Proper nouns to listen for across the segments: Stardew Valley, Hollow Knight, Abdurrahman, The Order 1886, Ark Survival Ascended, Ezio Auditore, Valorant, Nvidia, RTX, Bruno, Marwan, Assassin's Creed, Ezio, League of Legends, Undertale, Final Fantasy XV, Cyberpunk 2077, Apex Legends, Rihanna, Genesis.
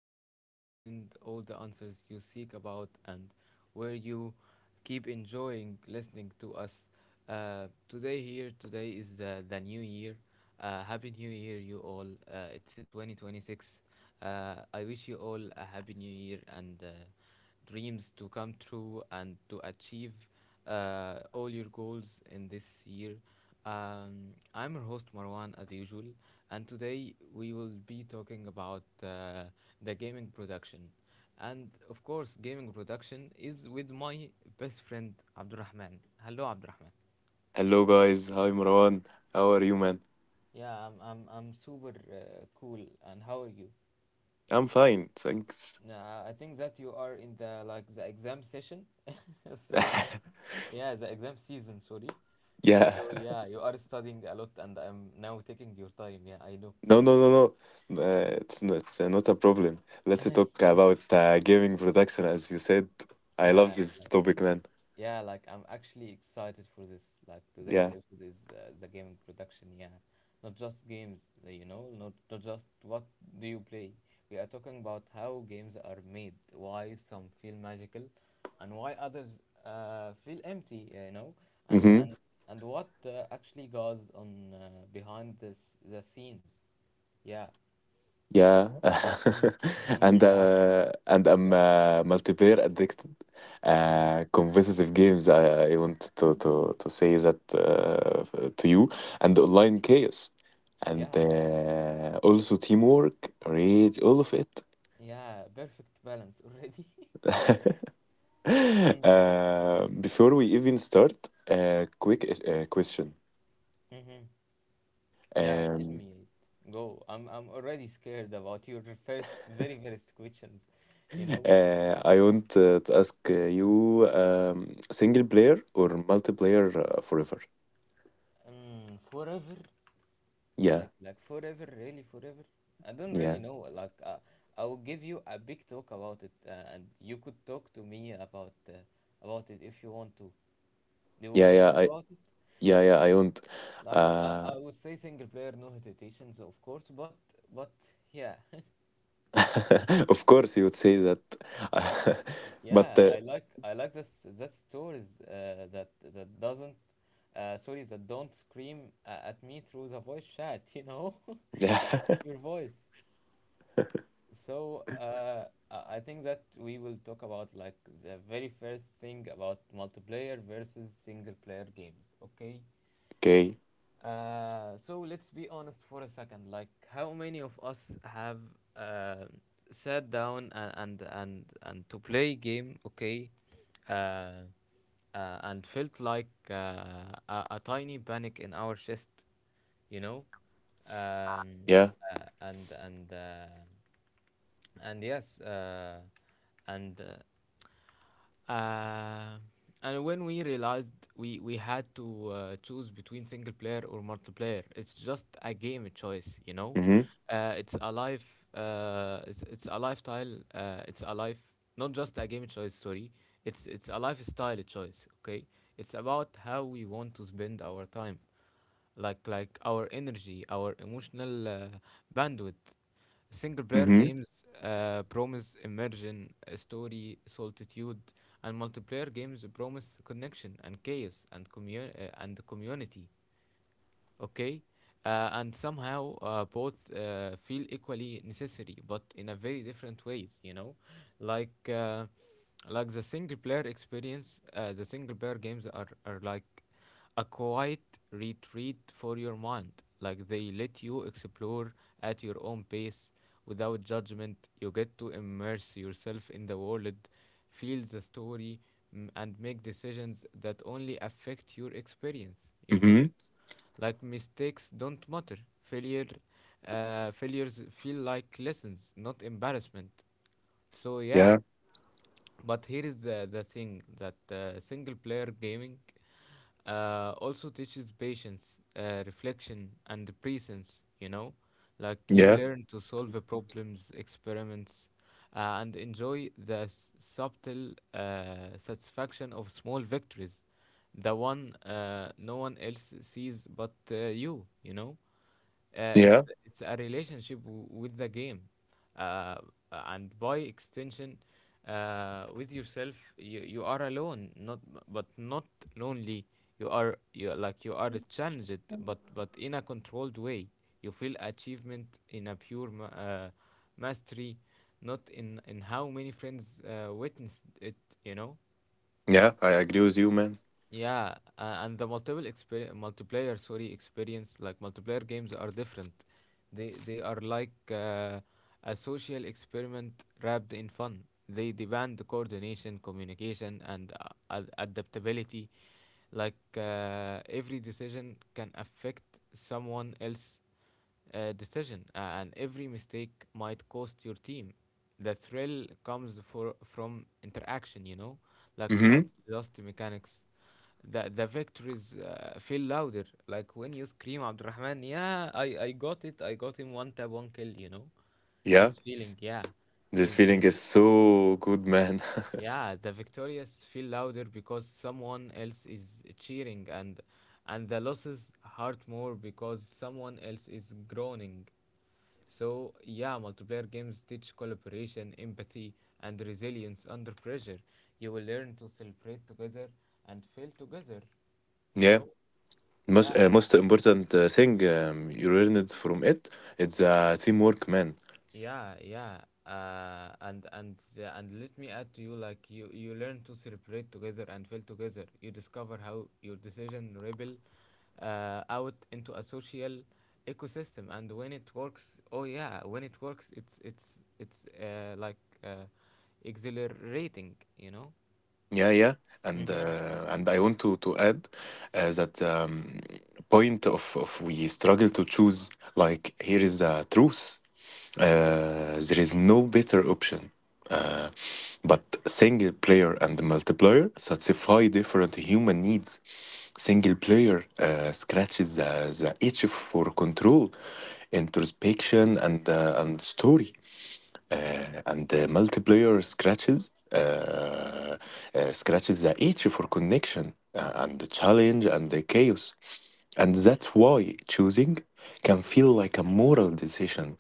where you find all the answers you seek about and where you keep enjoying listening to us. Today, here, today is the new year. Happy New Year, you all. It's a 2026. I wish you all a happy new year and dreams to come true and to achieve all your goals in this year. I'm your host Marwan as usual, and today we will be talking about the gaming production. And of course, gaming production is with my best friend Abdurrahman. Hello, Abdurrahman. Hello guys, hi Marwan. How are you, man? Yeah, I'm super cool. And how are you? I'm fine, thanks. Nah, I think that you are in the exam session. So, yeah, the exam season, sorry. Yeah, So, yeah, you are studying a lot and I'm now taking your time. Yeah, I know. no, no, no, no. It's not a problem. Let's talk about gaming production, as you said. I love Yeah, this like, topic, man. Yeah, like I'm actually excited for this. Like today's Yeah. episode is the gaming production. Yeah, not just games. You know, not just what do you play. We are talking about how games are made, why some feel magical, and why others feel empty. You know, and Mm-hmm. and and what actually goes on behind this the scenes. Yeah. Yeah. Mm-hmm. and Yeah. uh, and I'm Yeah. Multiplayer addicted. Yeah. Competitive games. I want to say that to you, and online chaos, and Yeah. Also teamwork, rage, all of it. Yeah. Perfect balance already. Before we even start, a quick question. Mm-hmm. Yeah, tell Um, me. It. Go. I'm already scared about your first very first questions, you know. I want to ask you, single player or multiplayer forever? Forever, Yeah, like forever, really forever. I don't really yeah, know. I will give you a big talk about it, and you could talk to me about it if you want to. Do you yeah, wanna yeah. talk I about it? Yeah, yeah. I won't. Like I, Uh, I would say single player, no hesitations, of course. But yeah. of course, you would say that. But Yeah, I like this that stories that doesn't sorry that don't scream at me through the voice chat, you know, yeah. your voice. So I think that we will talk about like the very first thing about multiplayer versus single player games. Okay. Okay. So let's be honest for a second. Like, how many of us have uh, sat down and to play game, okay, uh, and felt like a tiny panic in our chest, you know, um, Yeah. And and yes, uh, and. Uh, uh, and when we realized we had to choose between single player or multiplayer, it's just a game choice, you know. Mm-hmm. Uh, it's a life, it's a lifestyle, it's a life, not just a game choice. Sorry, it's a lifestyle choice. Okay, it's about how we want to spend our time like our energy, our emotional bandwidth. Single player Mm-hmm. games promise immersion, story, solitude, and multiplayer games promise connection and chaos and community, okay, and somehow both feel equally necessary but in a very different ways, you know, like uh, like the single player games are like a quiet retreat for your mind. Like they let you explore at your own pace without judgment. You get to immerse yourself in the world, feel the story, and make decisions that only affect your experience, you know, Mm-hmm. like mistakes don't matter. Failure failures feel like lessons, not embarrassment. So yeah, Yeah. but here is the thing that single player gaming also teaches patience, reflection, and presence, you know? Like you Yeah. learn to solve problems, experiments, and enjoy the subtle satisfaction of small victories. The one no one else sees but you, you know? Uh, it's Yeah. it's a relationship with the game, uh, uh, and by extension, with yourself. You are alone, not but not lonely. You are challenged, but in a controlled way. You feel achievement in a pure mastery, not in how many friends witnessed it. You know. Yeah. I agree with you, man. Yeah, and the multiple exper- multiplayer, sorry, experience like multiplayer games are different. They are like a social experiment wrapped in fun. They demand coordination, communication, and adaptability. Like every decision can affect someone else decision, and every mistake might cost your team. The thrill comes from interaction, you know, like not Mm-hmm. just mechanics. The victories feel louder, like when you scream, Abdurrahman, yeah, I got it, I got him one tap, one kill, you know. Yeah. This feeling, yeah, This is, feeling is is so good, man. yeah, the victorious feel louder because someone else is cheering, and the losses hurt more because someone else is groaning. So, yeah, multiplayer games teach collaboration, empathy, and resilience under pressure. You will learn to celebrate together and fail together. You Yeah. know? Most Yeah, uh, most important thing, you learned from it. It's teamwork, man. yeah, yeah. And let me add to you, like you learn to celebrate together and fail together. You discover how your decision rebel out into a social ecosystem, and when it works, oh yeah, when it works, it's uh, like uh, exhilarating, you know. Yeah, yeah. And Mhm. uh, and I want to add that, point of we struggle to choose. Like, here is the truth. There is no better option. Uh, but single player and multiplayer satisfy different human needs. Single player scratches the itch for control, introspection, and story, Mm-hmm. and the multiplayer scratches the itch for connection, and the challenge and the chaos. And that's why choosing can feel like a moral decision.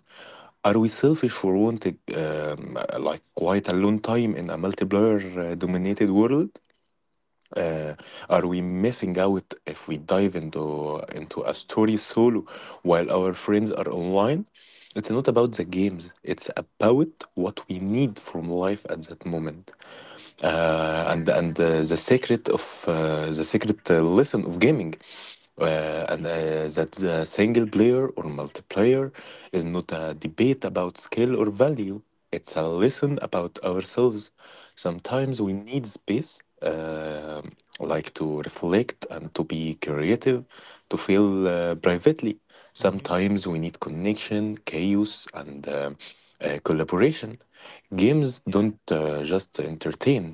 Are we selfish for wanting, like, quite a long time in a multiplayer dominated world? uh, are we missing out if we dive into a story solo while our friends are online? It's not about the games. It's about what we need from life at that moment, and the secret lesson of gaming, and that the single player or multiplayer is not a debate about skill or value. It's a lesson about ourselves. Sometimes we need space, like, to reflect and to be creative, to feel, privately. Mhm. Sometimes we need connection, chaos, and collaboration. Games Yeah. don't just entertain,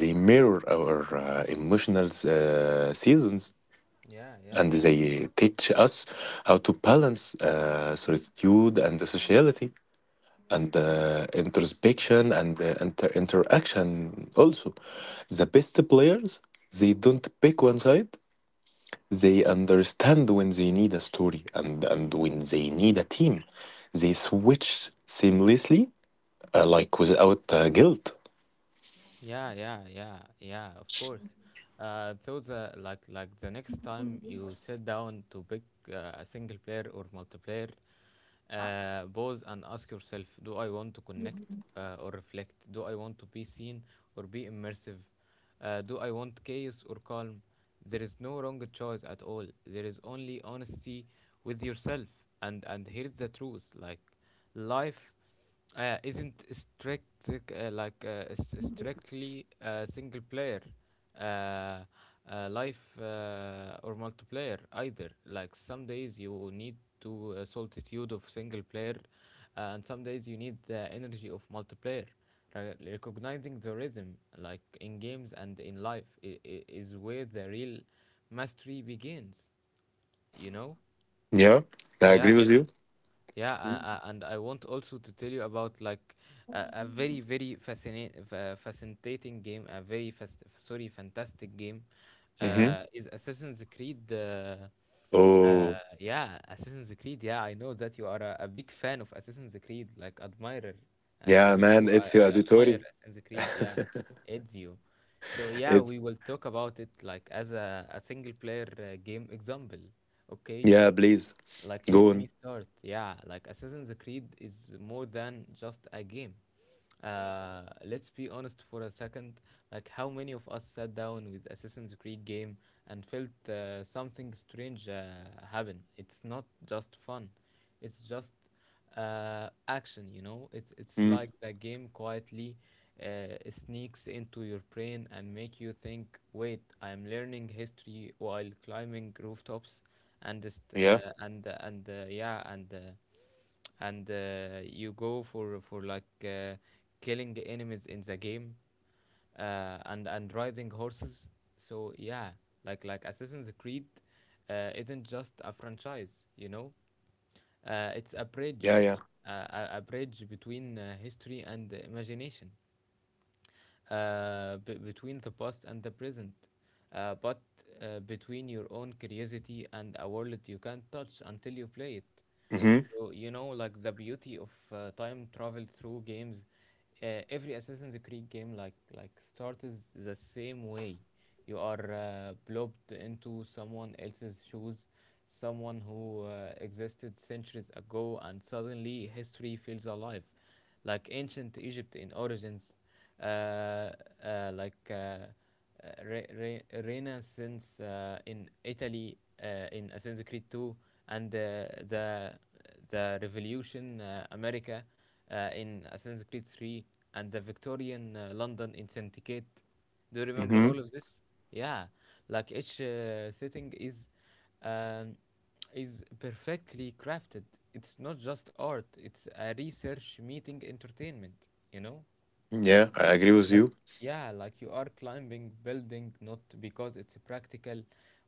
they mirror our emotional seasons, Yeah. Yeah. and they teach us how to balance solitude and sociality, and introspection and interaction also. The best players, they don't pick one side. They understand when they need a story, and when they need a team. They switch seamlessly, like, without guilt. Yeah, yeah, yeah, yeah, of course. So the like the next time you sit down to pick a single player or multiplayer, pause and ask yourself: Do I want to connect or reflect? Do I want to be seen or be immersive? Do I want chaos or calm? There is no wrong choice at all. There is only honesty with yourself. And here's the truth: like life isn't strictly single player, uh, life or multiplayer either. Like some days you need to solitude of single player, and some days you need the energy of multiplayer. Re- recognizing the rhythm, like in games and in life, is where the real mastery begins. You know? Yeah, I agree Yeah. with you. Yeah, and I want also to tell you about like a very very fascinate fascinating game, a very fast sorry fantastic game Hmm. Is Assassin's Creed. Oh, Yeah, Assassin's Creed. Yeah, I know that you are a big fan of Assassin's Creed, like admirer, and yeah, me man, too. It's your I admire auditory. Assassin's Creed. Yeah, Ezio. So yeah, it's, we will talk about it like as a single player game example. Okay. yeah, please, Like, go let on. me start. Yeah, like Assassin's Creed is more than just a game. Let's be honest for a second. Like, how many of us sat down with Assassin's Creed game and felt something strange happen? It's not just fun. It's just action. You know, it's Mm. like the game quietly uh, sneaks into your brain and make you think. Wait, I am learning history while climbing rooftops, and just Yeah, and yeah and. And you go for like killing enemies in the game and riding horses. So yeah, like Assassin's Creed isn't just a franchise, you know, it's a yeah, bridge, yeah. A bridge between history and imagination, between the past and the present, but between your own curiosity and a world you can't touch until you play it. Mm-hmm. So you know, like the beauty of time travel through games. Every Assassin's Creed game, like starts the same way. You are plopped into someone else's shoes, someone who existed centuries ago, and suddenly history feels alive, like ancient Egypt in origins, uh, uh, like uh, uh, Renaissance in Italy in Assassin's Creed 2, and the Revolution America in Assassin's Creed 3, and the Victorian London in Syndicate. Do you remember Mm-hmm. all of this? Yeah, like each setting is um, is perfectly crafted. It's not just art, it's a research meeting entertainment, you know? Yeah, I agree with Like, you. yeah, like you are climbing building not because it's practical,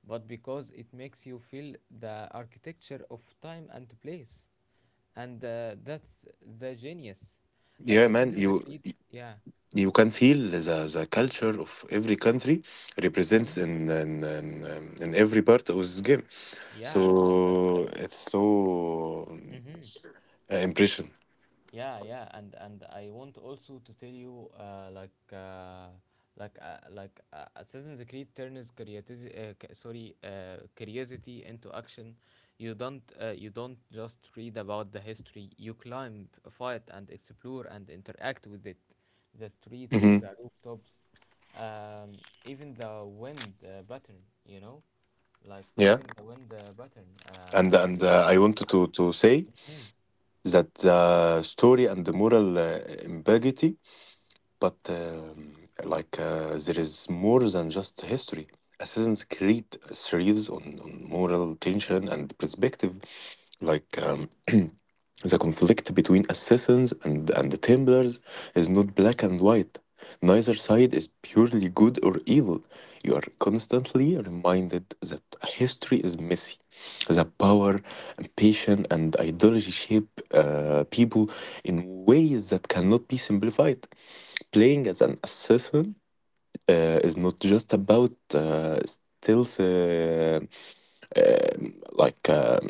but because it makes you feel the architecture of time and place. And that's the genius. Like Yeah, man, Assassin's you Creed, yeah. you can feel the culture of every country represents Hmm. in every part of this game. So Yeah. Like, it's so mhm. Impression. Yeah, yeah, and I want also to tell you Assassin's Creed turns curiosity c- sorry curiosity into action. You don't you don't just read about the history, you climb, fight, and explore, and interact with it, the streets, Hmm. the rooftops, um, even the wind pattern, you know, like Yeah, even the wind pattern. and Uh, and uh, I wanted to say mhm. that the story and the moral ambiguity, but like, there is more than just history. Assassin's Creed thrives on moral tension and perspective, like. The conflict between assassins and the Templars is not black and white. Neither side is purely good or evil. You are constantly reminded that history is messy. The power, ambition, and ideology shape people in ways that cannot be simplified. Playing as an assassin is not just about, stealth, like,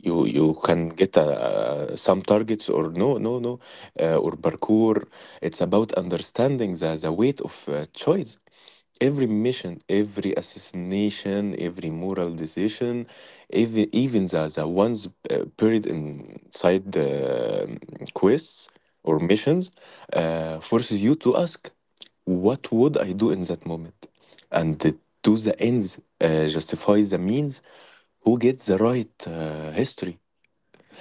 you can get some targets, or no, no, no, or parkour. It's about understanding the weight of choice. Every mission, every assassination, every moral decision, even the ones buried inside the, quests or missions, forces you to ask: what would I do in that moment? And do the ends justify the means? Who gets the right, history,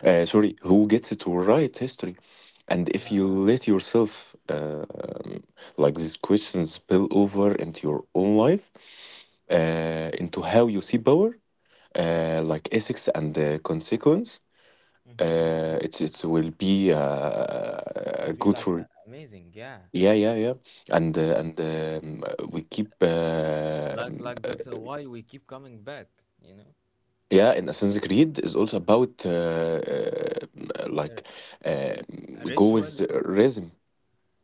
sorry, who gets to write history? And if Yeah, you yeah. let yourself, like, these questions spill over into your own life, into how you see power, like ethics and the consequence. Mm-hmm. It will be It will be good like for. Amazing, yeah. Yeah, yeah, yeah. And we keep. Like that's why we keep coming back, you know. Yeah, and Assassin's Creed is also about, R- uh, a go, ritual, rhythm.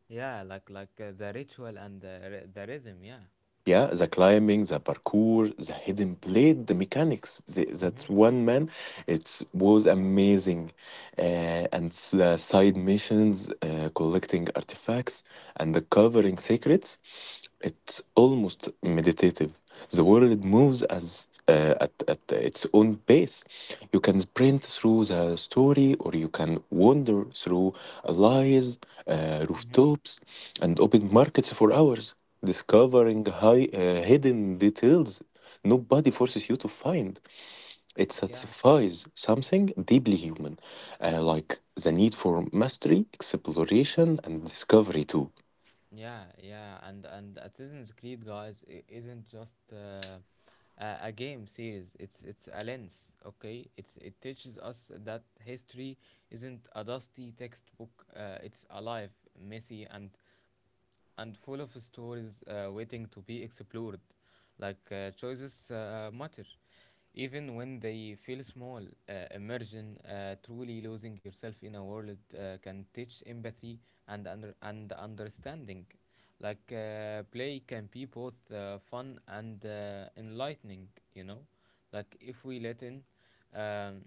yeah, the ritual and the the rhythm, yeah. Yeah, the climbing, the parkour, the hidden blade, the mechanics. That Mhm. one, man, it was amazing. uh, and the side missions, collecting artifacts and the covering secrets. It's almost meditative. The world moves at its own pace. You can sprint through the story, or you can wander through alleys, Mhm. rooftops, and open markets for hours, discovering hidden details nobody forces you to find. It Yeah. satisfies something deeply human, like the need for mastery, exploration, and discovery, too. Yeah, yeah, and Assassin's Creed, guys, isn't just a game series. It's a lens, okay? It teaches us that history isn't a dusty textbook. It's alive, messy, and full of stories waiting to be explored. Like choices matter, even when they feel small. Immersion, truly losing yourself in a world, can teach empathy and understanding. Like play can be both fun and enlightening. You know, like if we let in. Um,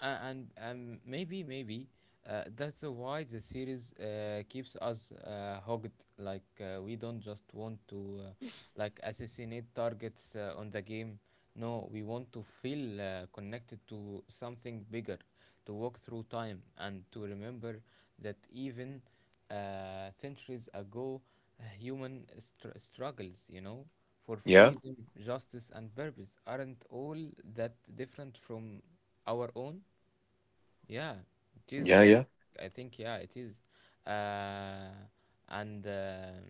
and maybe that's why the series keeps us hooked. Like we don't just want to like assassinate targets on the game. No, we want to feel connected to something bigger, to walk through time and to remember that even centuries ago, human struggles, you know, for Yeah, freedom, justice, and purpose aren't all that different from our own. Yeah, it is yeah, like yeah. I think yeah, it is, uh, and uh,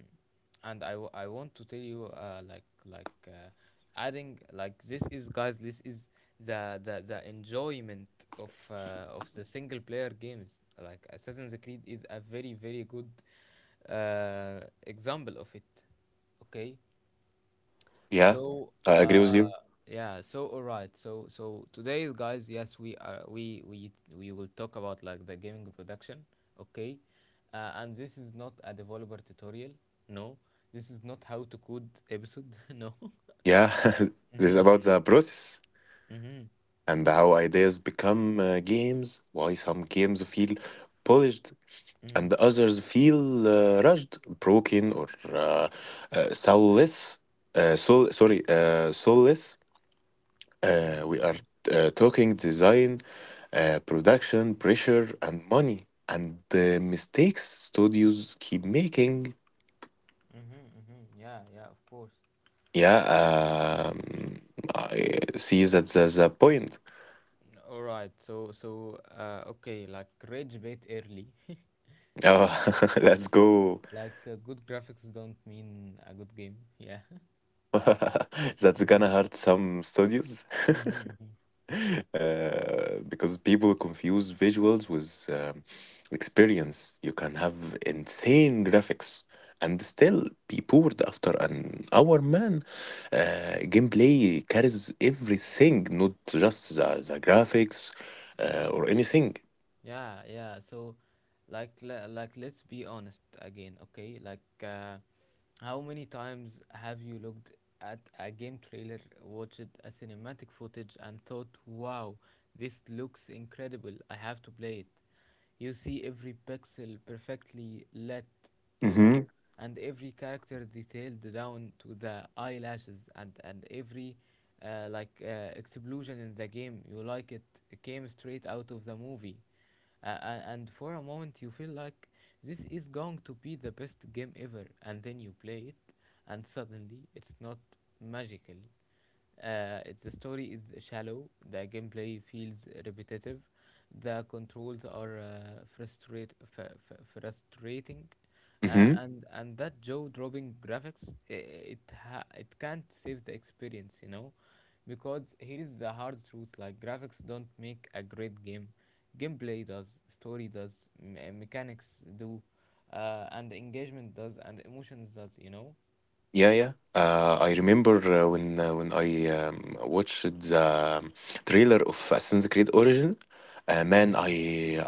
and I want to tell you like adding, like, this is, guys, this is the enjoyment of the single player games like Assassin's Creed is a very very good example of it. Okay, Yeah, so, I agree with uh, you. yeah. So, all right. So, today, guys, yes, we are we will talk about like the gaming production, okay? And this is not a developer tutorial. No, this is not how to code episode. No. Yeah. This is Mhm. about the process Mhm. and how ideas become games, why some games feel polished Mhm. and others feel rushed, broken, or uh, soulless. Soulless. We are Mhm. Talking design, production, pressure, and money, and the mistakes studios keep making. Mhm. Mhm. Yeah. Yeah. Of course. Yeah, um, I see that there's a point. All right. So, okay. Like rage bait early. Oh, let's go. Like good graphics don't mean a good game. Yeah. That's gonna Mhm. hurt some studios. Mhm. Because people confuse visuals with, experience. You can have insane graphics and still be bored after an hour, man. Gameplay carries everything, not just the graphics, or anything. Yeah, yeah. So, like let's be honest again, okay? Like how many times have you looked at a game trailer, watched a cinematic footage and thought, "Wow, this looks incredible. I have to play it." You see every pixel perfectly lit, you know, Mm-hmm. and every character detailed down to the eyelashes, and every explosion in the game, you like it came straight out of the movie. And for a moment you feel like this is going to be the best game ever, and then you play it and suddenly it's not magical. It's The story is shallow, the gameplay feels repetitive, the controls are frustrating. uh, Mm-hmm. and and that jaw-dropping graphics i it ha- it can't save the experience, you know, because here is the hard truth: like graphics don't make a great game, gameplay does, story does, mechanics do, and engagement does, and emotions does, you know. Yeah, yeah. I remember, when I, watched the, trailer of Assassin's Creed Origin. Man, Yeah. I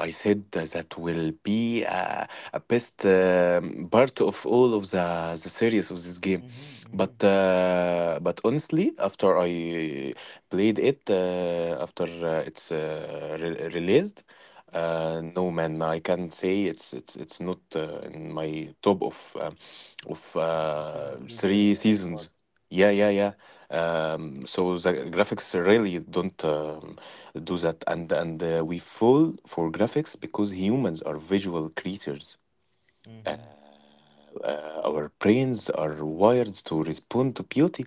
I said that will be a best part of all of the series of this game. Mm-hmm, mm-hmm. But, honestly, after I played it, after it's re released, no, man, I can say it's not in my top of, Mm, Assassin's Creed the three seasons. bots. Yeah, Yeah. yeah, yeah. So the graphics really don't do that, and we fall for graphics because humans are visual creatures, uh, Mm-hmm. Our brains are wired to respond to beauty,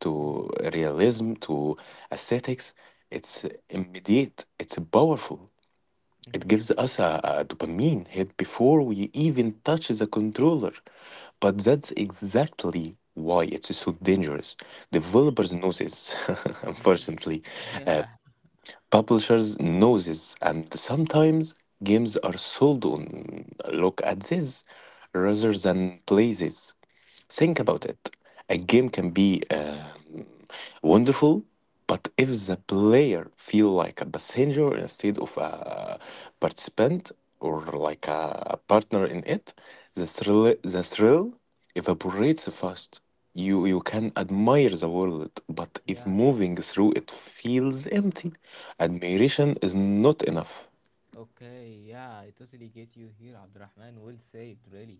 to Mm-hmm. realism, to aesthetics. It's immediate, it's powerful. It Mm-hmm. gives us a dopamine hit before we even touch the controller. But that's exactly why it's so dangerous. Developers know this, Mm-hmm. unfortunately. Uh, Yeah. Publishers noses, and sometimes games are sold on "look at this" rather than places think about Mm-hmm. it. A game can be wonderful. But if the Yeah. player feel like a passenger instead of a participant, or like a partner in it, the thrill evaporates fast. You can admire the world, but if Yeah. moving through it feels empty, admiration is not enough. Okay, yeah, I totally get you here, Abdurrahman. Well said, really.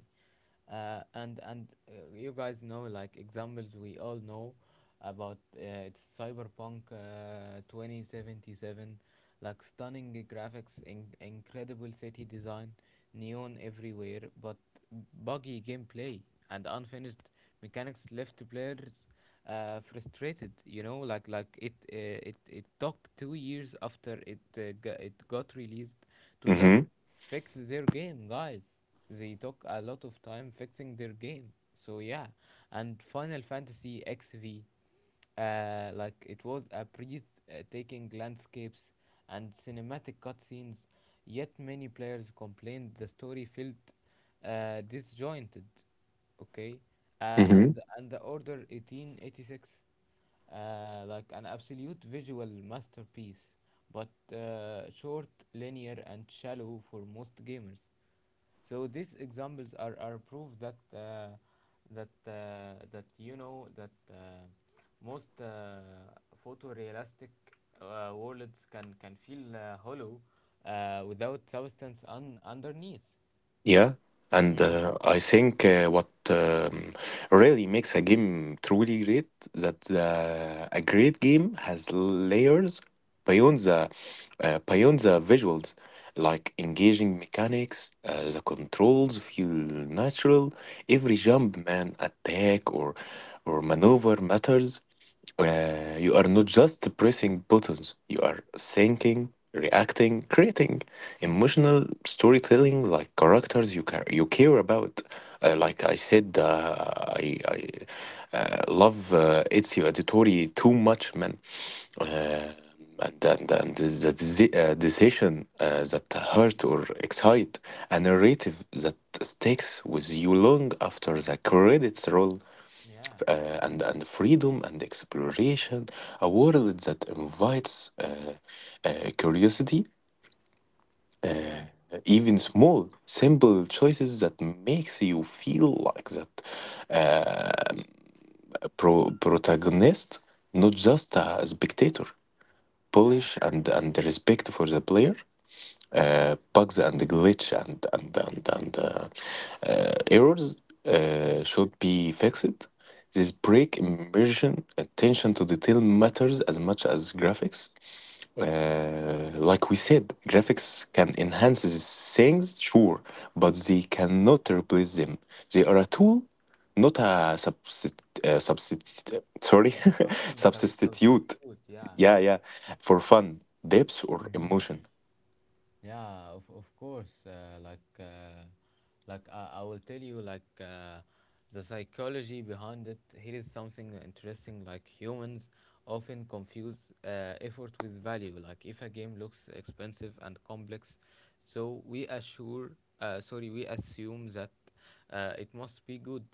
And You guys know, like examples we all know about, it's Cyberpunk 2077, like stunning graphics, incredible city design, neon everywhere, but buggy gameplay and unfinished mechanics left players frustrated. You know, like it took 2 years after it got released to just Mm-hmm. fix their game, guys. They took a lot of time fixing their game. So yeah, and Final Fantasy XV. Like it was a breathtaking landscapes and cinematic cutscenes, yet many players complained the story felt disjointed. Okay, and the Order 1886, like an absolute visual masterpiece, but short, linear, and shallow for most gamers. So these examples are proof that that that you know that most photorealistic worlds can feel hollow without substance underneath. Yeah, and Mm. I think, what, really makes a game truly great, that a great game has layers beyond the, beyond the visuals, like engaging mechanics. The controls feel natural. Every jump, man, attack or maneuver matters. You are not just pressing buttons, you are thinking, reacting, creating Mm-hmm. emotional storytelling, like characters you care about. Like I said, I love Ezio Auditore too much, man. And the, decision that hurt or excite, a narrative that sticks with you long after the credits roll, Yeah, and freedom and exploration, a world that invites curiosity. yeah, Even small, simple choices that makes you feel like that, protagonist, not just a spectator. yeah. Polish and the respect for the player, bugs and glitch and errors Mm-hmm. should be fixed. This break immersion. Attention to detail matters as much as graphics. Like we said, graphics can enhance these things, sure, but they cannot replace them. They are a tool, not a substitute. Uh, Something Substitute. substitute. Yeah. Yeah, yeah, for fun, depth, or Mm-hmm. emotion. Yeah, of course. Like, like I will tell you, like the psychology behind it. Here is something interesting. Like humans often confuse effort with value. Like if a game looks expensive and complex, so we assume that it must be good.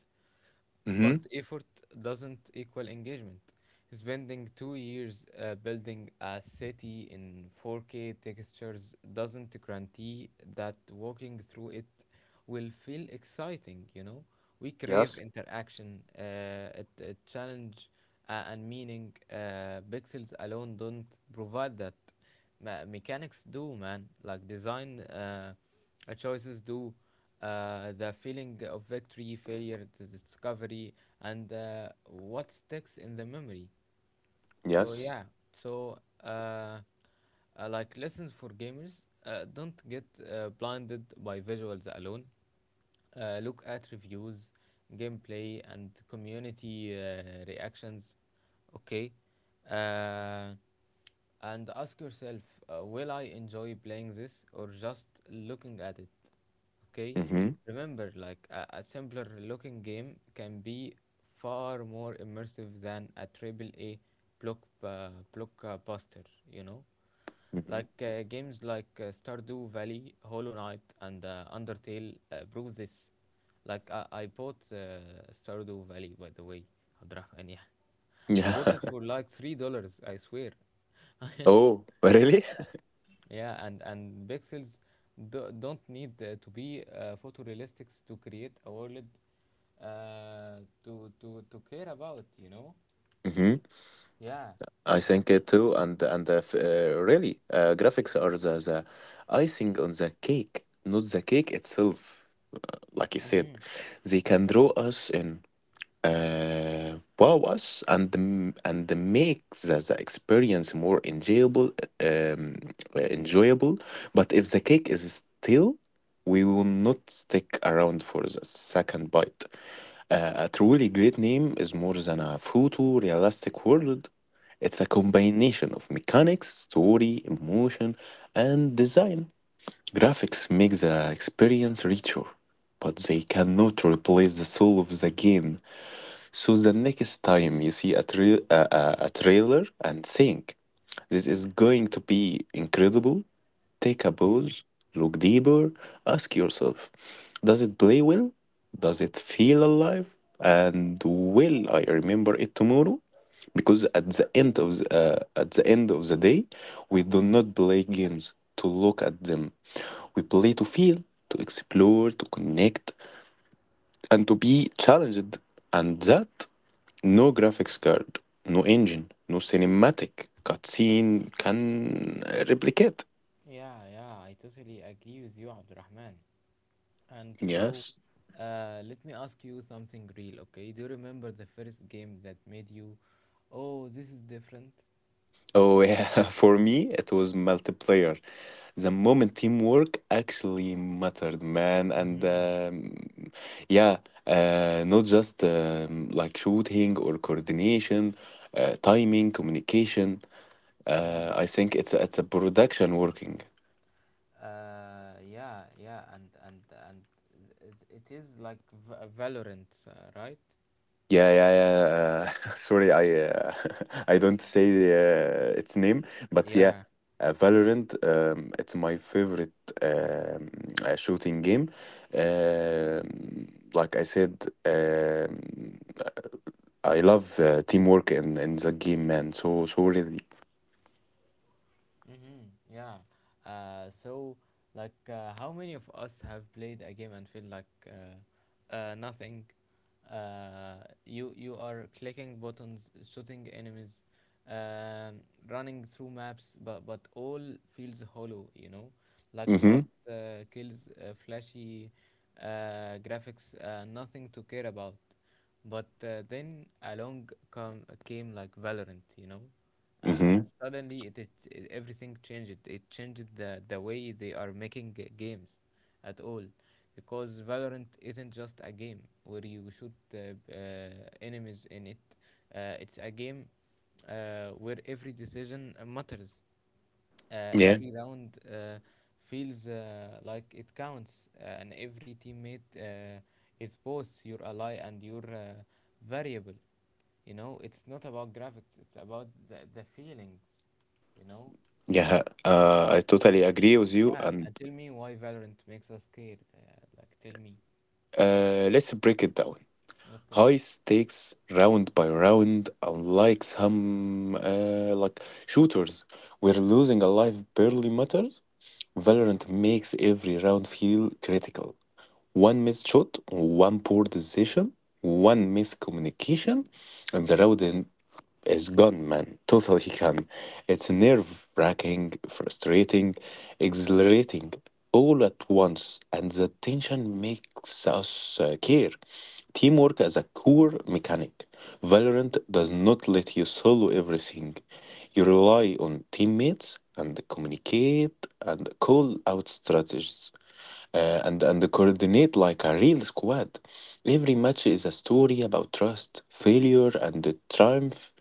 But Mm-hmm. effort doesn't equal engagement. Spending 2 years building a city in 4K textures doesn't guarantee that walking through it will feel exciting, you know? We crave Yes. interaction, a challenge, and meaning. Pixels alone don't provide that. Ma Mechanics do, man. Like design choices do. The feeling of victory, failure, the discovery, and what sticks in the memory. So Yes. yeah, so uh, uh, like lessons for gamers, don't get blinded by visuals alone. Look at reviews, gameplay, and community reactions. Okay, uh, and ask yourself, will I enjoy playing this or just looking at it? Okay, Mm-hmm. remember, like a simpler looking game can be far more immersive than a triple A block uh, blockbuster. You know, Mm-hmm. like games like Stardew Valley, Hollow Knight, and Undertale prove this. Like I bought Stardew Valley, by the way, Abdrahman. Yeah, I bought Yeah. it for like $3. I swear. Oh, really? Yeah, and don't need to be photorealistic to create a world to care about, you know? Mm-hmm. Yeah. I Uh, think it too, and really, graphics are the icing on the cake, not the cake itself. Like you said, mhm, they can draw us in, wow us, and make the experience more enjoyable, um, enjoyable. But if the cake is still, we will not stick around for the second bite. A truly great name is more than a photorealistic world. It's a combination of mechanics, story, emotion, and design. Graphics make the experience richer, but they cannot replace the soul of the game. So the next time you see a trailer and think, "This is going to be incredible," take a mhm. pause, look deeper, ask yourself: Does it play well? Does it feel alive? And will I remember it tomorrow? Because at the end of the day, we do not play games to look at them. We play to feel, to explore, to connect, and to be challenged. And that no graphics card, no engine, no cinematic cutscene can replicate. Yeah, yeah, I totally agree with you, Abdurrahman. And so, Yes. Let me ask you something real, okay? Do you remember the first game that made you, oh, this is different? Oh yeah, for me it was multiplayer. The moment teamwork actually mattered, man, and Mm-hmm. um, yeah, not just like shooting or coordination, timing, communication. Yeah. I think it's a production working. Yeah, yeah, and it is like Valorant, right? Yeah, yeah, yeah. Sorry, I I don't say its name, but yeah, Yeah. Valorant. It's my favorite um, shooting game. Um, like I said, um, I love teamwork in the game, man. So so really. Mm-hmm. Yeah. So, like, how many of us have played a game and feel like nothing. Uh, you are clicking buttons, shooting enemies, um, running through maps, but all feels hollow. You know, like Mm-hmm. fast kills, flashy graphics, nothing to care about. But then along come came like Valorant, you know, uh, Mm-hmm. and suddenly it, it, it everything changed. It changed the way they are making games, at all, because Valorant isn't just a game where you shoot enemies in it. It's a game where every decision matters. Yeah. Every round feels like it counts, and every teammate is both your ally and your variable. You know, it's not about graphics; it's about the feelings. You know, Yeah. I yeah, and totally agree with you. yeah, And and tell me why Valorant makes us care. Like, tell me. Let's break it down. Okay. High stakes round by round, unlike some shooters where losing a life barely matters. Valorant makes every round feel critical. One missed shot, one poor decision, one miscommunication, and the round is gone, man. Totally gone. It's nerve wracking, frustrating, exhilarating, all at once, and the tension makes us care. Teamwork is a core mechanic. Valorant does not let you solo everything. You rely on teammates and communicate and call out strategies and coordinate like a real squad. Every match is a story about trust, failure, and the triumph.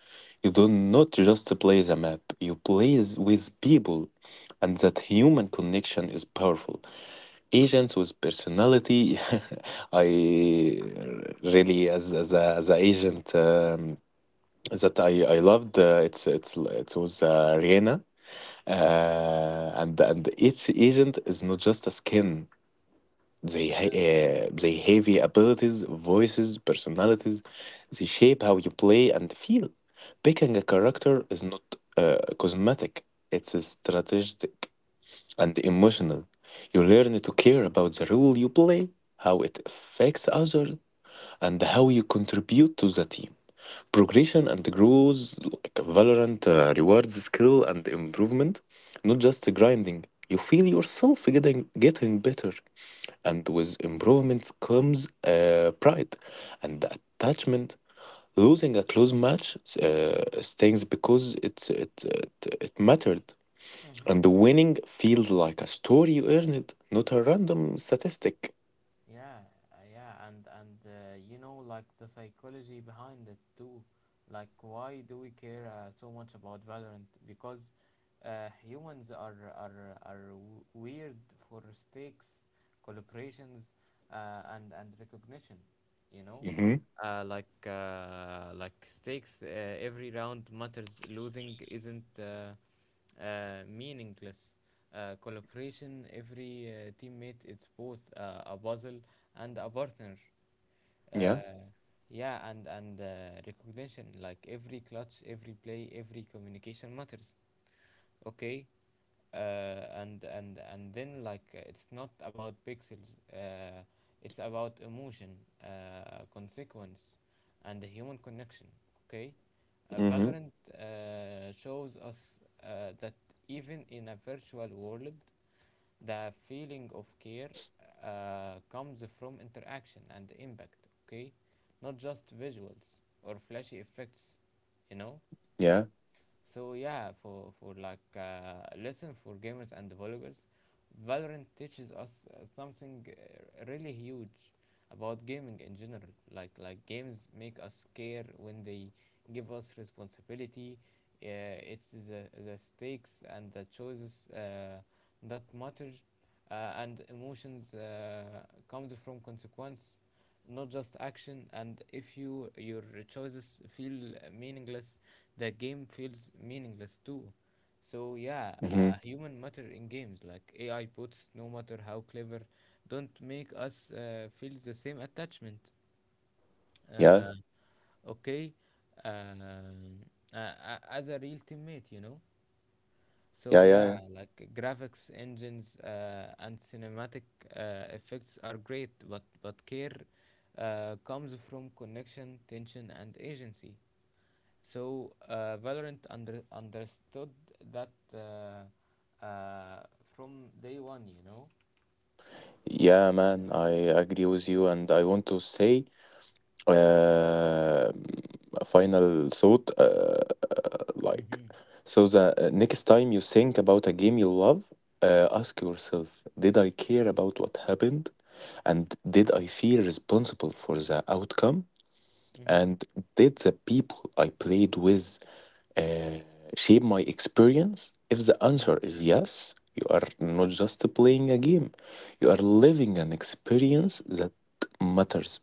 You do not just play the map, you play with people, and that human connection is powerful. Agents with personality. I really as a, as an agent that I loved. It's it was Rihanna, and each agent is not just a skin. They, ha- Mm. uh, they have your abilities, voices, personalities. They shape how you play and feel. Picking a character is not cosmetic, it's a strategic and emotional. You learn to care about the role you play, how it affects others, and how you contribute to the team. Progression and growth, like Valorant, rewards skill and improvement, not just grinding. You feel yourself getting better, and with improvement comes pride and attachment. Losing a close match stings because it, it it mattered, and Mm-hmm. the winning feels like a story you earned, not a random statistic. Yeah, yeah, like the psychology behind it too. Like, why do we care so much about Valorant? Because humans are weird for stakes, collaborations, and recognition. You know, Mm-hmm. Like stakes. Every round matters. Losing isn't meaningless. Collaboration. Every teammate is both a puzzle and a partner. Yeah. Uh, yeah, and recognition. Like every clutch, every play, every communication matters. Okay, uh, and then, like, it's not about pixels, it's about emotion, consequence, and the human connection. Okay, Mm-hmm. Valorant shows us that even in a virtual world the feeling of care comes from interaction and impact. Okay, not just visuals or flashy effects, you know. Yeah. So yeah, for like lesson for gamers and developers, Valorant teaches us something really huge about gaming in general. Like games make us care when they give us responsibility. It's the stakes and the choices that matter, and emotions comes from consequence, not just action. And if your choices feel meaningless, the game feels meaningless too. So yeah, Mm-hmm. Human matter in games, like AI puts no matter how clever, don't make us feel the same attachment, Yeah. uh, okay, um, as a real teammate, you know. Yeah. So Yeah. Yeah. yeah, like graphics engines and cinematic effects are great, but care comes from connection, tension, and agency. So Valorant understood that from day one, you know. Yeah, man, I agree with you, and I want to say uh, a final thought. Like, Mm-hmm. so the next time you think about a game you love, ask yourself, did I care about what happened, and did I feel responsible for the outcome? Mm-hmm. And did the people I played with uh, shape my experience? If the Yeah. answer is yes, you are not just playing a game, you are living an experience that matters.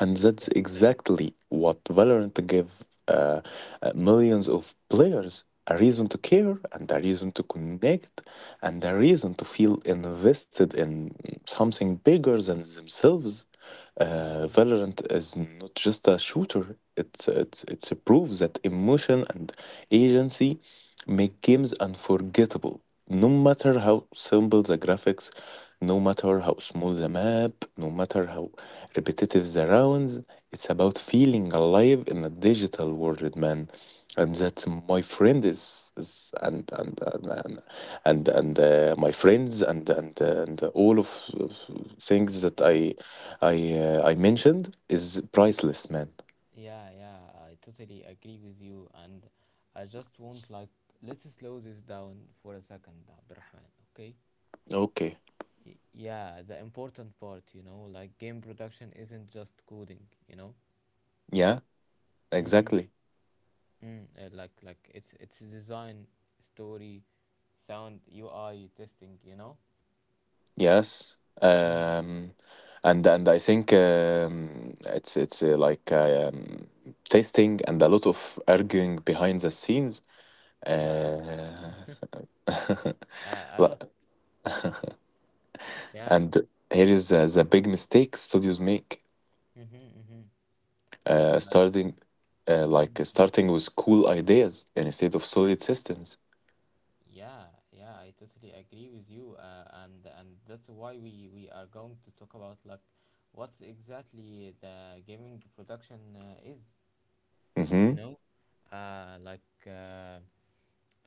And that's Okay. exactly what Valorant gave millions of players a reason to care and a reason to connect and a reason to feel invested in something bigger than themselves. Mm-hmm. Valorant is not just a shooter, it's a proof that emotion and agency make games unforgettable, no matter how simple the graphics, no matter how small the map, no matter how repetitive the rounds. It's about feeling alive in a digital world, man. And that's my friend is and, my friends and all of things that Yeah. I mentioned is priceless, man. Yeah. Yeah. I totally agree with you, and I just want, like, let's slow this down for a second, Abdurrahman. Okay. Okay. Yeah, the important part, you know, like game production isn't just coding, you know. Yeah. Mm-hmm. Exactly. Mm, like it's design, story, sound, UI testing, you know. Yes, Mm-hmm. um, And I think it's testing and a lot of arguing behind the scenes. Yeah, Uh, a la- lot. Yeah. and here is the big mistake studios make, Mm-hmm, mm-hmm. Like uh, like starting in, uh, starting with cool ideas instead of solid systems. yeah, yeah, I totally agree with you, and that's why we are going to talk about like what's exactly the gaming production is, you Hmm. know, like. Uh,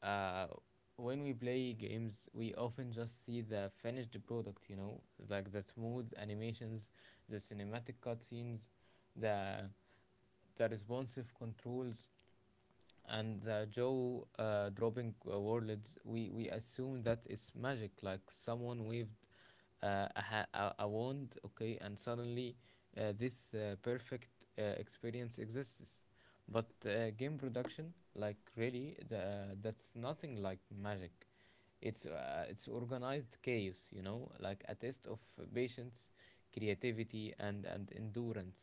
uh, when we play games, we often just see the finished product, you know, like the smooth animations, the cinematic cutscenes, the the responsive controls, and the Joe dropping words. We assume that it's magic, like someone waved I ha- I want, okay, and suddenly this perfect experience exists. But game production, like really, that's nothing like magic. It's organized chaos, like a test of patience, creativity, and endurance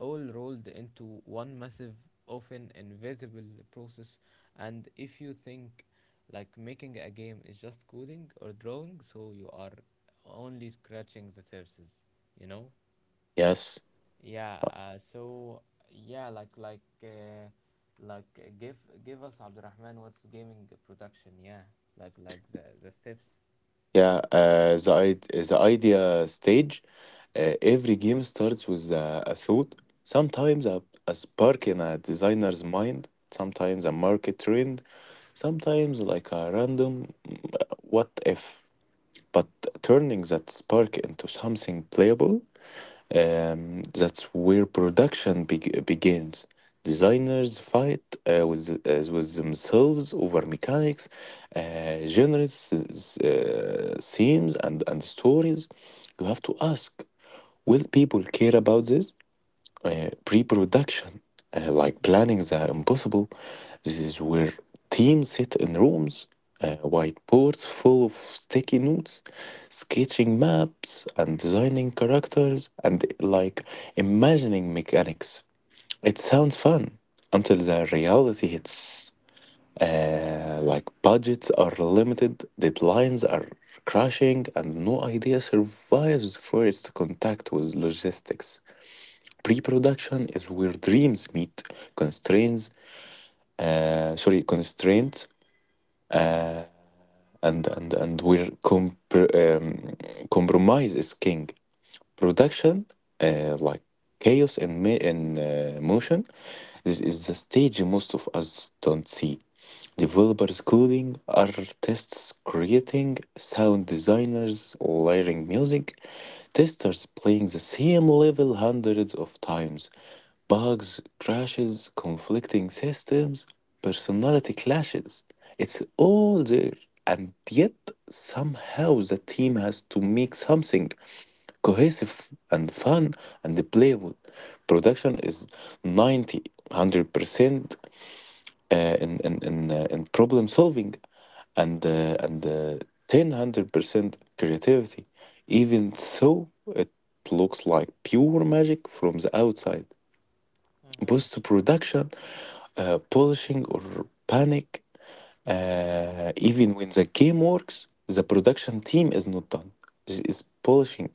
all rolled into one massive, often invisible process. And if you think like making a game is just coding or drawing, so you are only scratching the surface, you know? Yes. Yeah. So yeah, like give give us Abdurrahman, what's gaming production? Yeah, like the steps. The idea stage. Every game starts with a thought, sometimes a spark in a designer's mind, sometimes a market trend, sometimes like a random what if. But turning that spark into something playable, that's where production begins. Designers fight with themselves over mechanics, genres, themes, and stories. You have to ask, will people care about this? Pre-production, like planning the impossible. This is where teams sit in rooms, whiteboards full of sticky notes, sketching maps and designing characters and like imagining mechanics. It sounds fun until the reality hits. Like budgets are limited, deadlines are crashing, and no idea survives first contact with logistics. Pre production is where dreams meet constraints, constraints, Mm-hmm. And where compromise is king. Production, like chaos and motion, this is the stage most of us don't see. Developers coding, artists creating, sound designers layering music, testers playing the same level hundreds of times, bugs, crashes, conflicting systems, personality clashes. It's all there, and yet somehow the team has to make something cohesive and fun and playful. Production is 90, 100% in problem solving and 10, 100% creativity. Even so, it looks like pure magic from the outside. Post production, polishing, or panic. Even when the game Yeah, works, the production team is not done. This is polishing,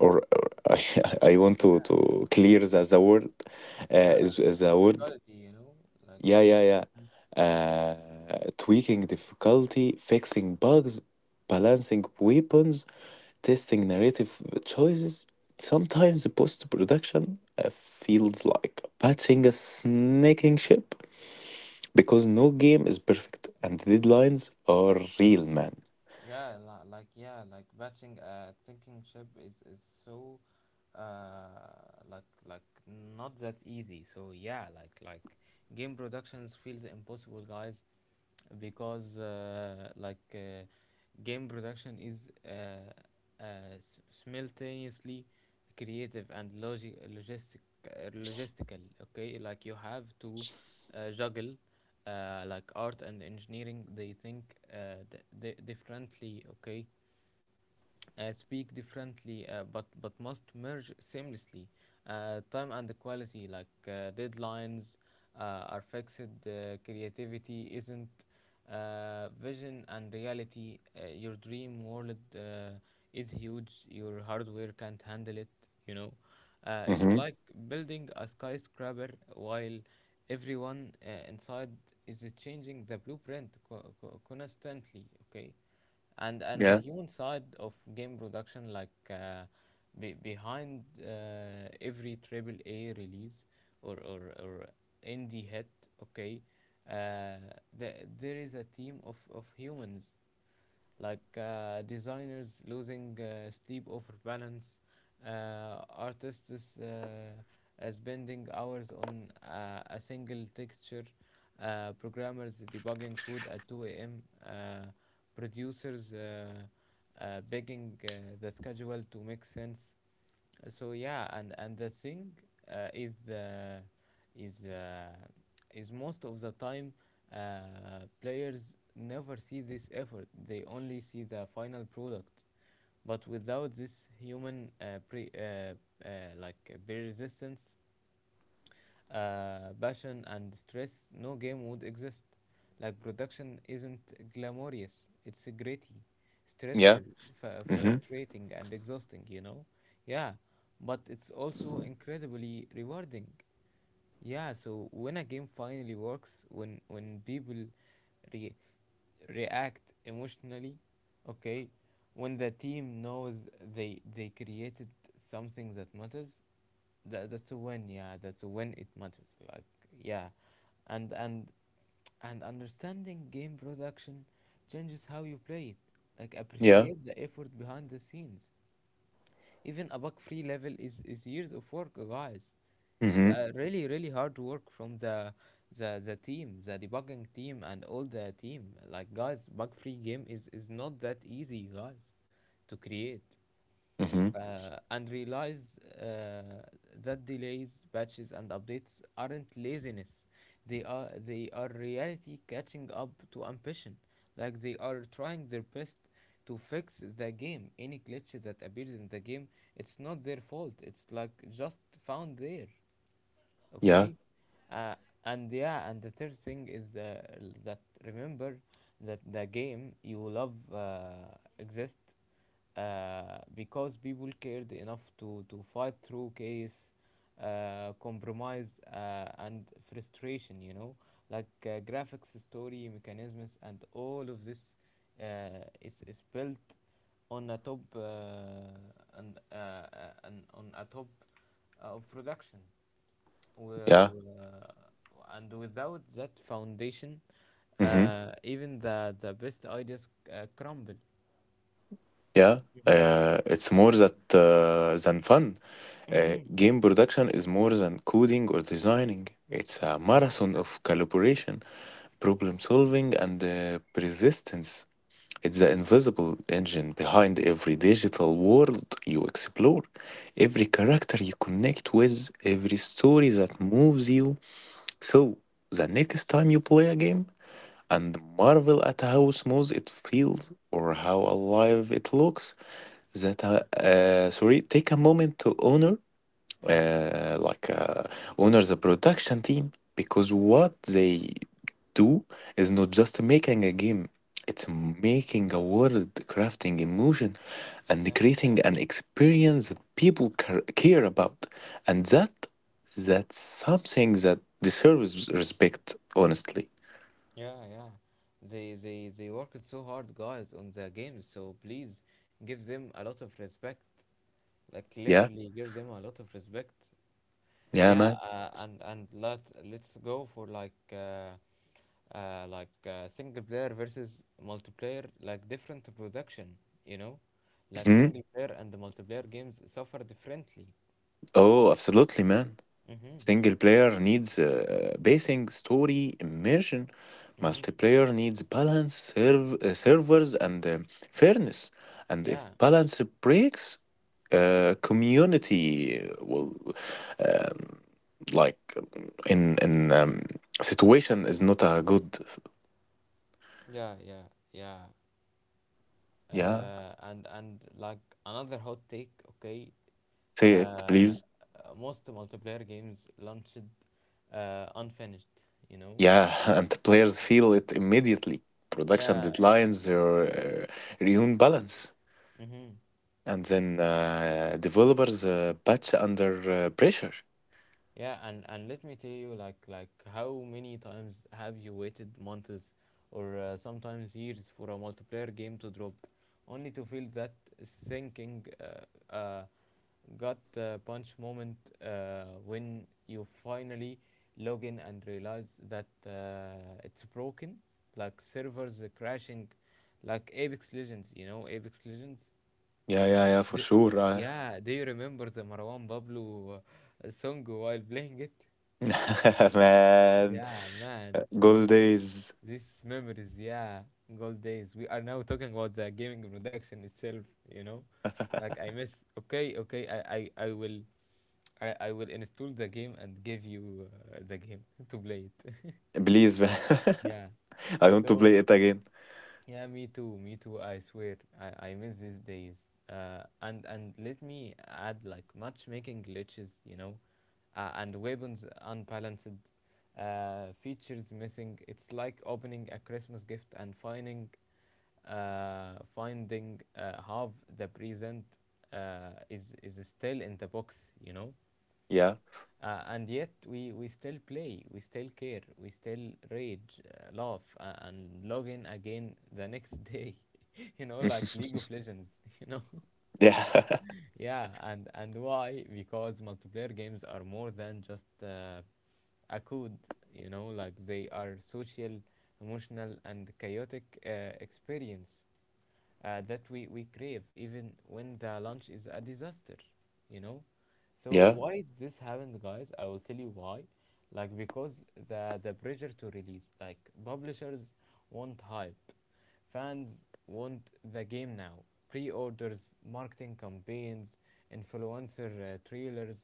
or I, I want yeah. To Like clear the word, uh, the, is the the word difficulty, you know, like. yeah yeah yeah uh, tweaking difficulty, fixing bugs, balancing weapons, testing narrative choices. Sometimes the post-production feels like patching a snaking ship because no game is perfect and deadlines are real, man. Yeah, like yeah, like batching a thinking chip is so uh like like not that easy. So yeah, game productions feels impossible, guys, because game production is uh, uh, simultaneously creative and logistic, logistical. Okay, like you have to juggle, like art and engineering. They think differently, okay. Speak differently, but must merge seamlessly. Time and quality, like deadlines are fixed, creativity isn't. Vision and reality, your dream world is huge, your hardware can't handle it, you know. It's Mm-hmm. like building a skyscraper while everyone inside is changing the blueprint constantly, okay. And the Yeah. human side of game production, like behind every triple A release, or indie hit, okay, uh, the, there is a team of humans, like designers losing sleep over balance, artists spending hours on a single texture, programmers debugging code at 2 a.m., producers begging the schedule to make sense. So yeah, and the thing uh, is uh, is uh, is most of the time players never see this effort. They only see the final product. But without this human uh, pre resistance, passion, and stress, no game would exist. Like production isn't glamorous, it's gritty, Yeah. stressful, Mm-hmm. frustrating, and exhausting, you know? Yeah, but it's also incredibly rewarding. Yeah, so when a game finally works, when people re- react emotionally, okay, when the team knows they created something that matters, that's when, yeah, that's when it matters. Like yeah. And and and understanding game production changes how you play it. Like Yeah. appreciate the effort behind the scenes. Even a bug free level is years of work, guys. it's Mm-hmm. uh, really really hard work from the team, the debugging team, and all the team. Like guys, bug free game is not that easy, guys, to create. Mm-hmm. And realize uh, that delays, patches, and updates aren't laziness. They are reality catching up to ambition. Like they are trying their best to fix the game. Any glitch that appears in the game, it's not their fault. It's like just found there, Yeah. okay. uh, and yeah, and the third thing is that remember that the game you love exist because people cared enough to fight through chaos, compromise, and frustration, you know. Like graphics, story, mechanisms, and all of this is built on a top, and, uh, uh, and on a top of production. Wi- Yeah. wi- and without that foundation, Mhm. Even the best ideas crumble. Yeah, Mm-hmm. it's more that than fun. Mm-hmm. Game production is more than coding or designing. It's a Yeah. marathon of collaboration, problem solving, and persistence. It's the invisible engine behind every digital world you explore, every character you connect with, every story that moves you. So, the next time you play a game and marvel at how smooth it feels or how alive it looks, that sorry take a moment to honor Mm-hmm. uh, like uh, honor the production team, because what they do is not just making a game, it's making a world, crafting emotion, and Yeah. creating an experience that people care about, and that's something that deserves respect, honestly. Yeah. Yeah. They worked so hard, guys, on the games. So please give them a lot of respect. Like Yeah. literally, give them a lot of respect. Yeah, Yeah. man. And let let's go for like. Single player versus multiplayer, like different production, you know, like Hmm. single player and the multiplayer games suffer differently. Oh, absolutely, man. Mhm. Single player needs pacing, story, immersion. Mhm. Multiplayer needs balance, servers, and fairness. And if Yeah. balance breaks, community will, um, like in situation is not a good. Yeah. Yeah. Yeah. Yeah, And like another hot take, okay. say it Uh, please. Most multiplayer games launched unfinished, you know. Yeah, and players feel it immediately. Production Yeah. deadlines or uh, ruin balance. Mhm. And then developers patch under pressure. Yeah, and let me tell you, like how many times have you waited months or sometimes years for a multiplayer game to drop, only to feel that sinking gut punch moment when you finally log in and realize that it's broken, like servers are crashing, like Apex Legends, you know, Apex Legends. Yeah, yeah, yeah, for The- sure. I- yeah, do you remember the Marwan Pablo song while playing it? man, Yeah, man. gold This days. this memories, yeah, gold days. We are now talking about the gaming production itself, you know? Like I miss, okay, okay, I will I will install the game and give you the game to play it. Please, man. yeah. I want to So play it again. yeah, me too. Me too. I swear, I miss these days. And let me add, like matchmaking glitches, you know, and weapons unbalanced, features missing. It's like opening a Christmas gift and finding half the present is still in the box, you know. Yeah. And yet we still play, we still care, we still rage, laugh, and log in again the next day. You know, like League of Legends, you know? yeah. Yeah, and why? Because multiplayer games are more than just a code. You know, like they are social, emotional, and chaotic experience that we crave, even when the launch is a disaster. You know, so Yeah. why this happened, guys? I will tell you why. Like because the pressure to release, like publishers want hype. Fans want the game now. Pre orders, marketing campaigns, influencer trailers,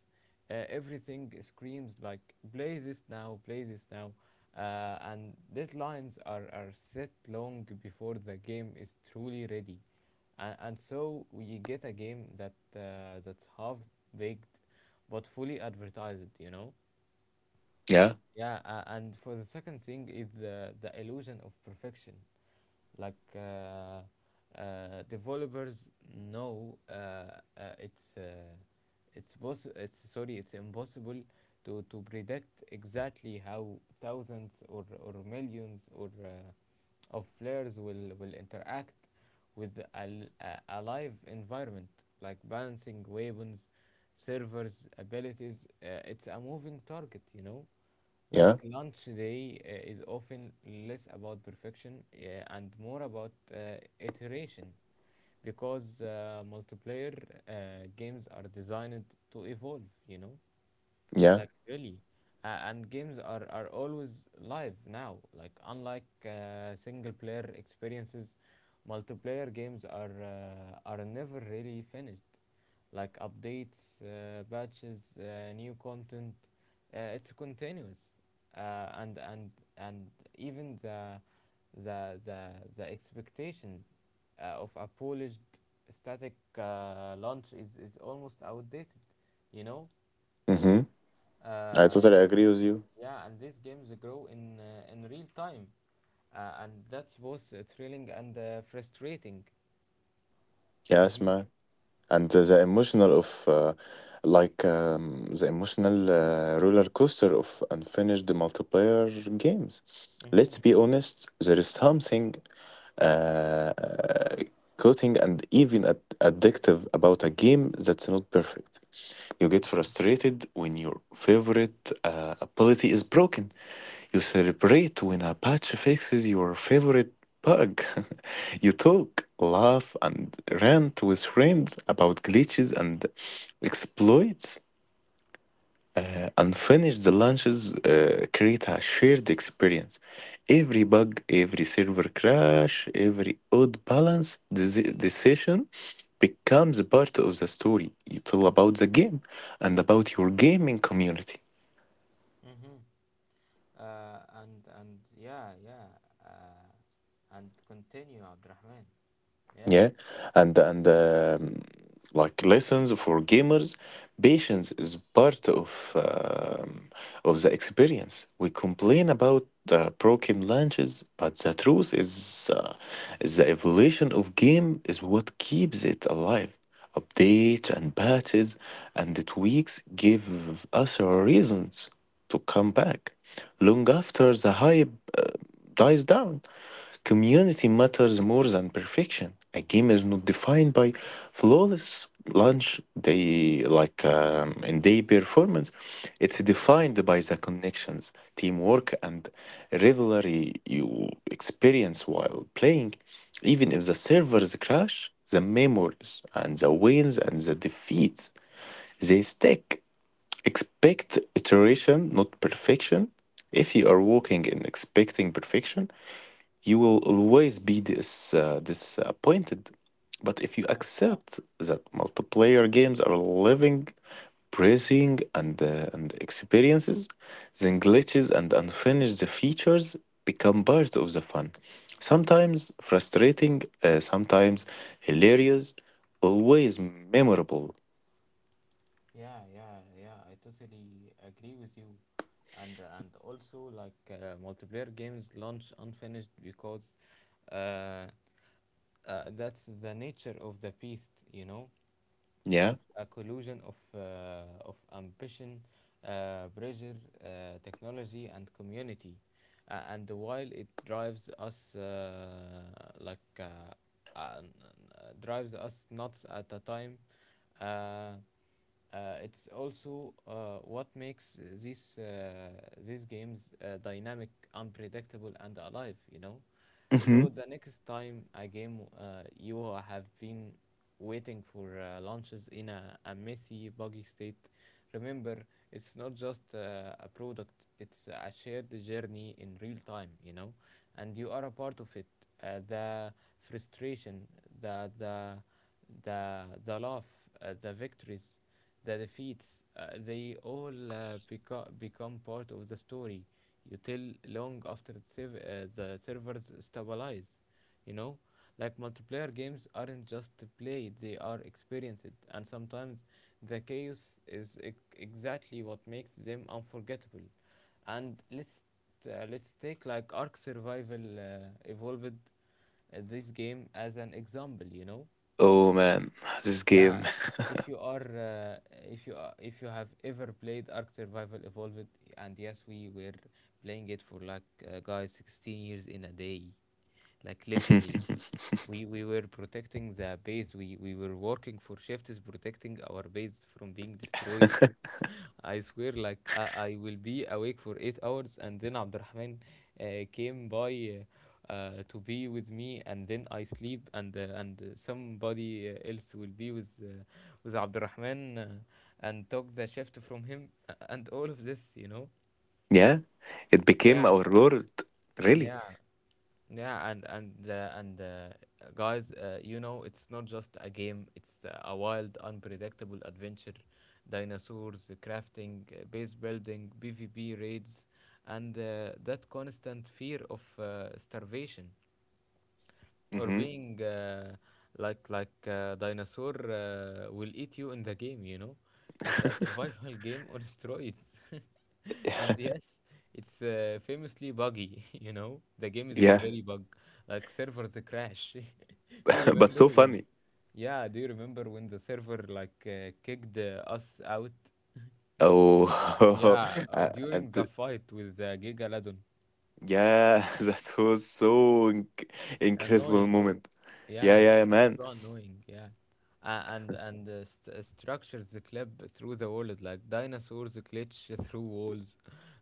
everything screams like play this now, play this now. And deadlines are set long before the game is truly ready. And so we get a game that that's half baked but fully advertised, you know? Yeah. Yeah, and for the second thing is the illusion of perfection, like developers know, it's boss it's sorry it's impossible to predict exactly how thousands or millions or of players will interact with a live environment. Like balancing weapons, servers, abilities, it's a moving target, you know. Like Yeah. lunch day is often less about perfection and more about iteration, because multiplayer games are designed to evolve, you know? Yeah. Like really. And games are always live now, like unlike single player experiences, multiplayer games are never really finished. Like updates, patches, new content, it's continuous. Uh, and and and even the the, the expectation of a polished, static launch is almost outdated, you know. Mm-hmm. I uh, totally agree with you. yeah, and these games grow in real time, and that's both thrilling and frustrating. Yes, Mm-hmm. man. And the emotional of like The emotional roller coaster of unfinished multiplayer games. Let's Mm-hmm. be honest, there is something uh, coating and even addictive about a game that's not perfect. You get frustrated when your favorite ability is broken. You celebrate when a patch fixes your favorite bug. You talk, laugh, and rant with friends about glitches and exploits, and finished the launches create a shared experience. Every bug, every server crash, every odd balance decision becomes a part of the story you tell about the game and about your gaming community. Mm-hmm. Yeah, uh, and continue, Abdurrahman. Yeah. Yeah. And Like lessons for gamers: patience is part of the experience. We complain about broken launches, but the truth is, the evolution of game is what keeps it alive. Updates and patches and the tweaks give us reasons to come back long after the hype dies down. Community matters more than perfection. A game is not defined by flawless launch day, like and day performance. It's Mm-hmm. defined by the connections, teamwork, and rivalry you experience while playing. Even if the servers crash, the memories and the wins and the defeats, they stick. Expect iteration, not perfection. If you are walking and expecting perfection, you will always be this disappointed. But if you Yeah, accept that multiplayer games are living, bracing, and experiences, then glitches and unfinished features become part of the fun. Sometimes frustrating, sometimes hilarious, always memorable. yeah, yeah, yeah. I totally agree with you, and also like multiplayer games launch unfinished because uh, that's the nature of the beast, you know. Yeah. It's a collusion of ambition, pressure, technology, and community. And while it drives us like uh, uh, drives us nuts at a time, uh, it's also what makes these uh, these games dynamic, unpredictable, and alive. You know, so Hmm. the next time a game you have been waiting for launches in a messy, buggy state, remember it's not just a product, it's a shared journey in real time, you know, and you are a part of it. The frustration, the, the the love, the victories, the defeats. They all become part of the story. You tell long after the servers stabilize. You know, like multiplayer games aren't just played; they are experienced, and sometimes the chaos is exactly what makes them unforgettable. And let's take like Ark Survival Evolved, this game, as an example. You know, Oh man, this yeah, game. if you are, if you have ever played Ark Survival Evolved, and yes, we were playing it for like, guys, 16 years in a day, like literally. We were protecting the base. We were working for shifts, protecting our base from being destroyed. I swear, like I will be awake for 8 hours, and then Abdurrahman uh, came by to be with me, and then I sleep, and somebody else will be with Abdurrahman, and took the shift from him, and all of this, you know. Yeah, it became Yeah, our lord. Really. yeah. Yeah, and guys, you know, it's not just a game. It's a wild, unpredictable adventure. Dinosaurs, crafting, base building, PvP raids, and that constant fear of starvation or Mhm. being like a dinosaur will eat you in the game. It's a survival game on steroids. And yes, it's famously buggy. You know, the game is Yeah, very bug, like servers crash. do you but remember so when funny. Yeah, do you remember when the server like kicked us out? Oh, Yeah, uh, during and the th- fight with giga ladon. yeah, that was so incredible Annoying. moment. Yeah, Yeah, yeah, yeah, it's man. so annoying. Yeah, structures clip through the walls, like dinosaurs glitch through walls.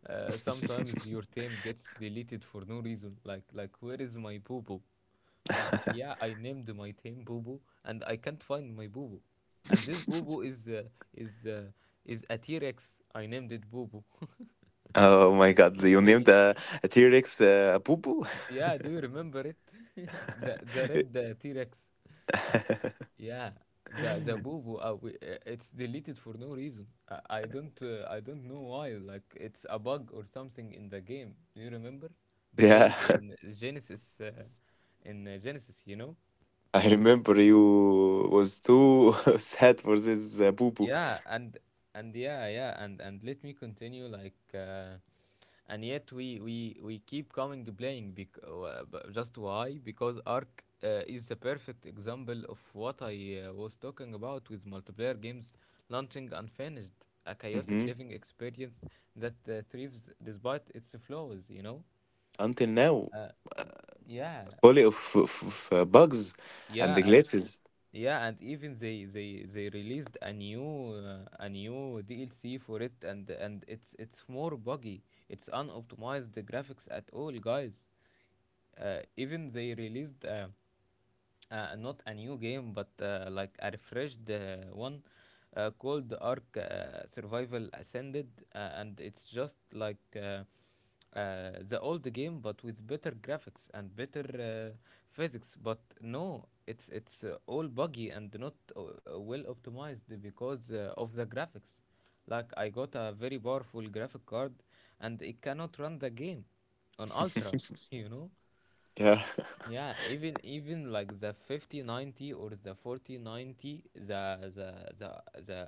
Sometimes your team gets deleted for no reason. Like where is my boo boo? I, named my team boo boo and I can't find my boo boo, and this boo boo is uh, is a T Rex. I named it boo boo. Oh my God, you named Okay. A T-Rex a poo-poo? Yeah, do you remember it? The red T Rex. Yeah, the boo-boo. It's deleted for no reason. I don't I don't know why. Like it's a bug or something in the game. Do you remember Yeah, playing in Genesis? In Genesis, you know. I remember you was too sad for this poo-poo. Yeah, and let me continue, like and yet we keep coming playing just why, because Ark is the perfect example of what I was talking about with multiplayer games launching unfinished, a chaotic Hmm. living experience that thrives despite its flaws, you know. Until now. uh, yeah Fully of, of bugs and yeah the and glitches. Yeah, and even they released a new DLC for it, and it's more buggy. It's unoptimized graphics at all, guys. Even they released not a new game but like a refreshed one, called Ark Survival Ascended, and it's just like the old game but with better graphics and better physics. But no, it's all buggy and not well optimized because of the graphics. Like I got a very powerful graphic card, and it cannot run the game on Ultra, you know. yeah, Yeah, even like the 5090 or the 4090, the the,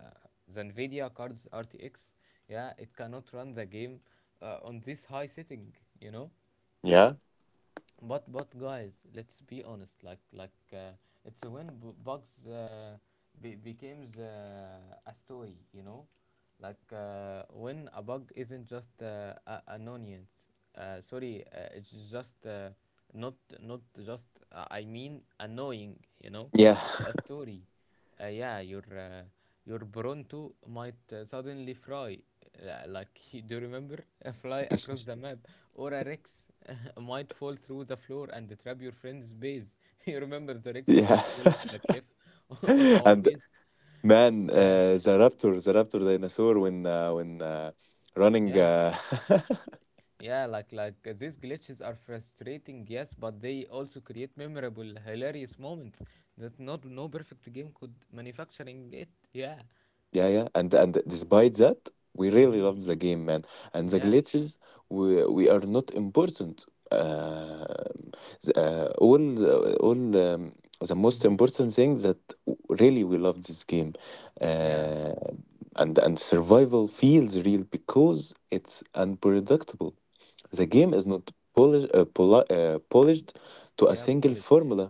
the Nvidia cards RTX, yeah, it cannot run the game on this high setting, you know? yeah, But guys, let's be honest. Like it's when bugs becomes a story, you know, like when a bug isn't just an onion. Sorry, it's just not not just. I mean, annoying. You know, yeah, it's a story. Yeah, your Bronto might suddenly fly, like do you remember, fly across the map, or a Rex might fall through the floor and trap your friend's base. You remember the Rex that yeah. fall off the cliff on our And base? man, Yeah, the raptor dinosaur, when running. yeah, yeah. Like these glitches are frustrating, yes, but they also create memorable, hilarious moments that not no perfect game could manufacturing it. Yeah. Yeah, yeah, and despite that, we really Mm-hmm. loved the game, man. And the Yeah. glitches, we are not important. The- all The most Mm-hmm. important thing that really we love this game, Yeah, uh, and survival feels real because it's unpredictable. The game is not polished to a yeah, single Paul. formula.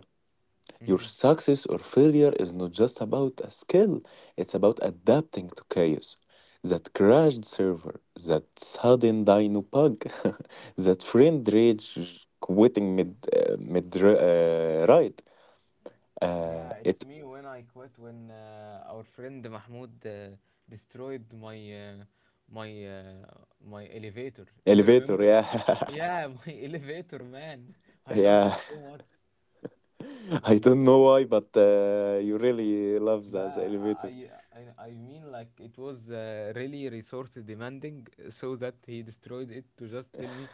Your Mhm. success or failure is not just about a skill, it's about adapting to chaos. That crashed server, that sudden dino bug, that friend rage quitting mid ride. Yeah, it's It me when I quit when our friend Mahmoud destroyed uh, my my elevator. Do you elevator, remember? yeah. Yeah, my elevator, man. I loved it yeah. so much. I Like don't this, know why, but you really love the la- elevator. I mean, like it was really resource demanding, so that he destroyed it to just tell me,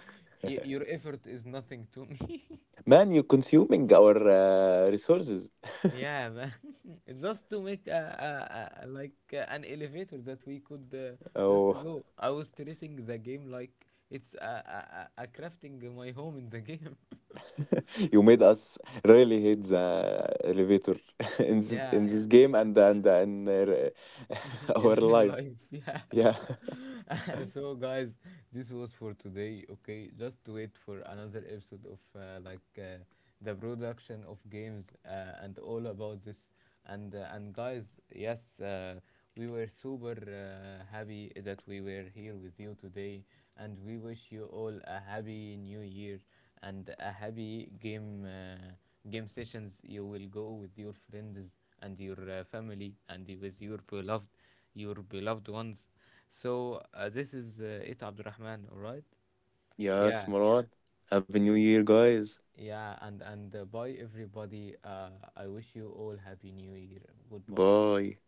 Your effort is nothing to me." Man, you're consuming our resources. Yeah, man. It's just to make a like an elevator that we could just Oh, go. I was treating the game like it's a crafting my home in the game. you made us really hate the elevator in Yeah, this game, yeah. and In our real life. life, yeah. Yeah. So guys, this was for today. Okay, just wait for another episode of, the production of games and all about this. And guys, yes, uh, we were super happy that we were here with you today, and we wish you all a happy new year and a happy game sessions. You will go with your friends and your family and with your beloved, your beloved ones. So this is it, Abdurrahman. All right. Yes, Yeah, Moran. Happy New Year, guys. yeah, and bye everybody. I wish you all happy New Year. Goodbye. Bye.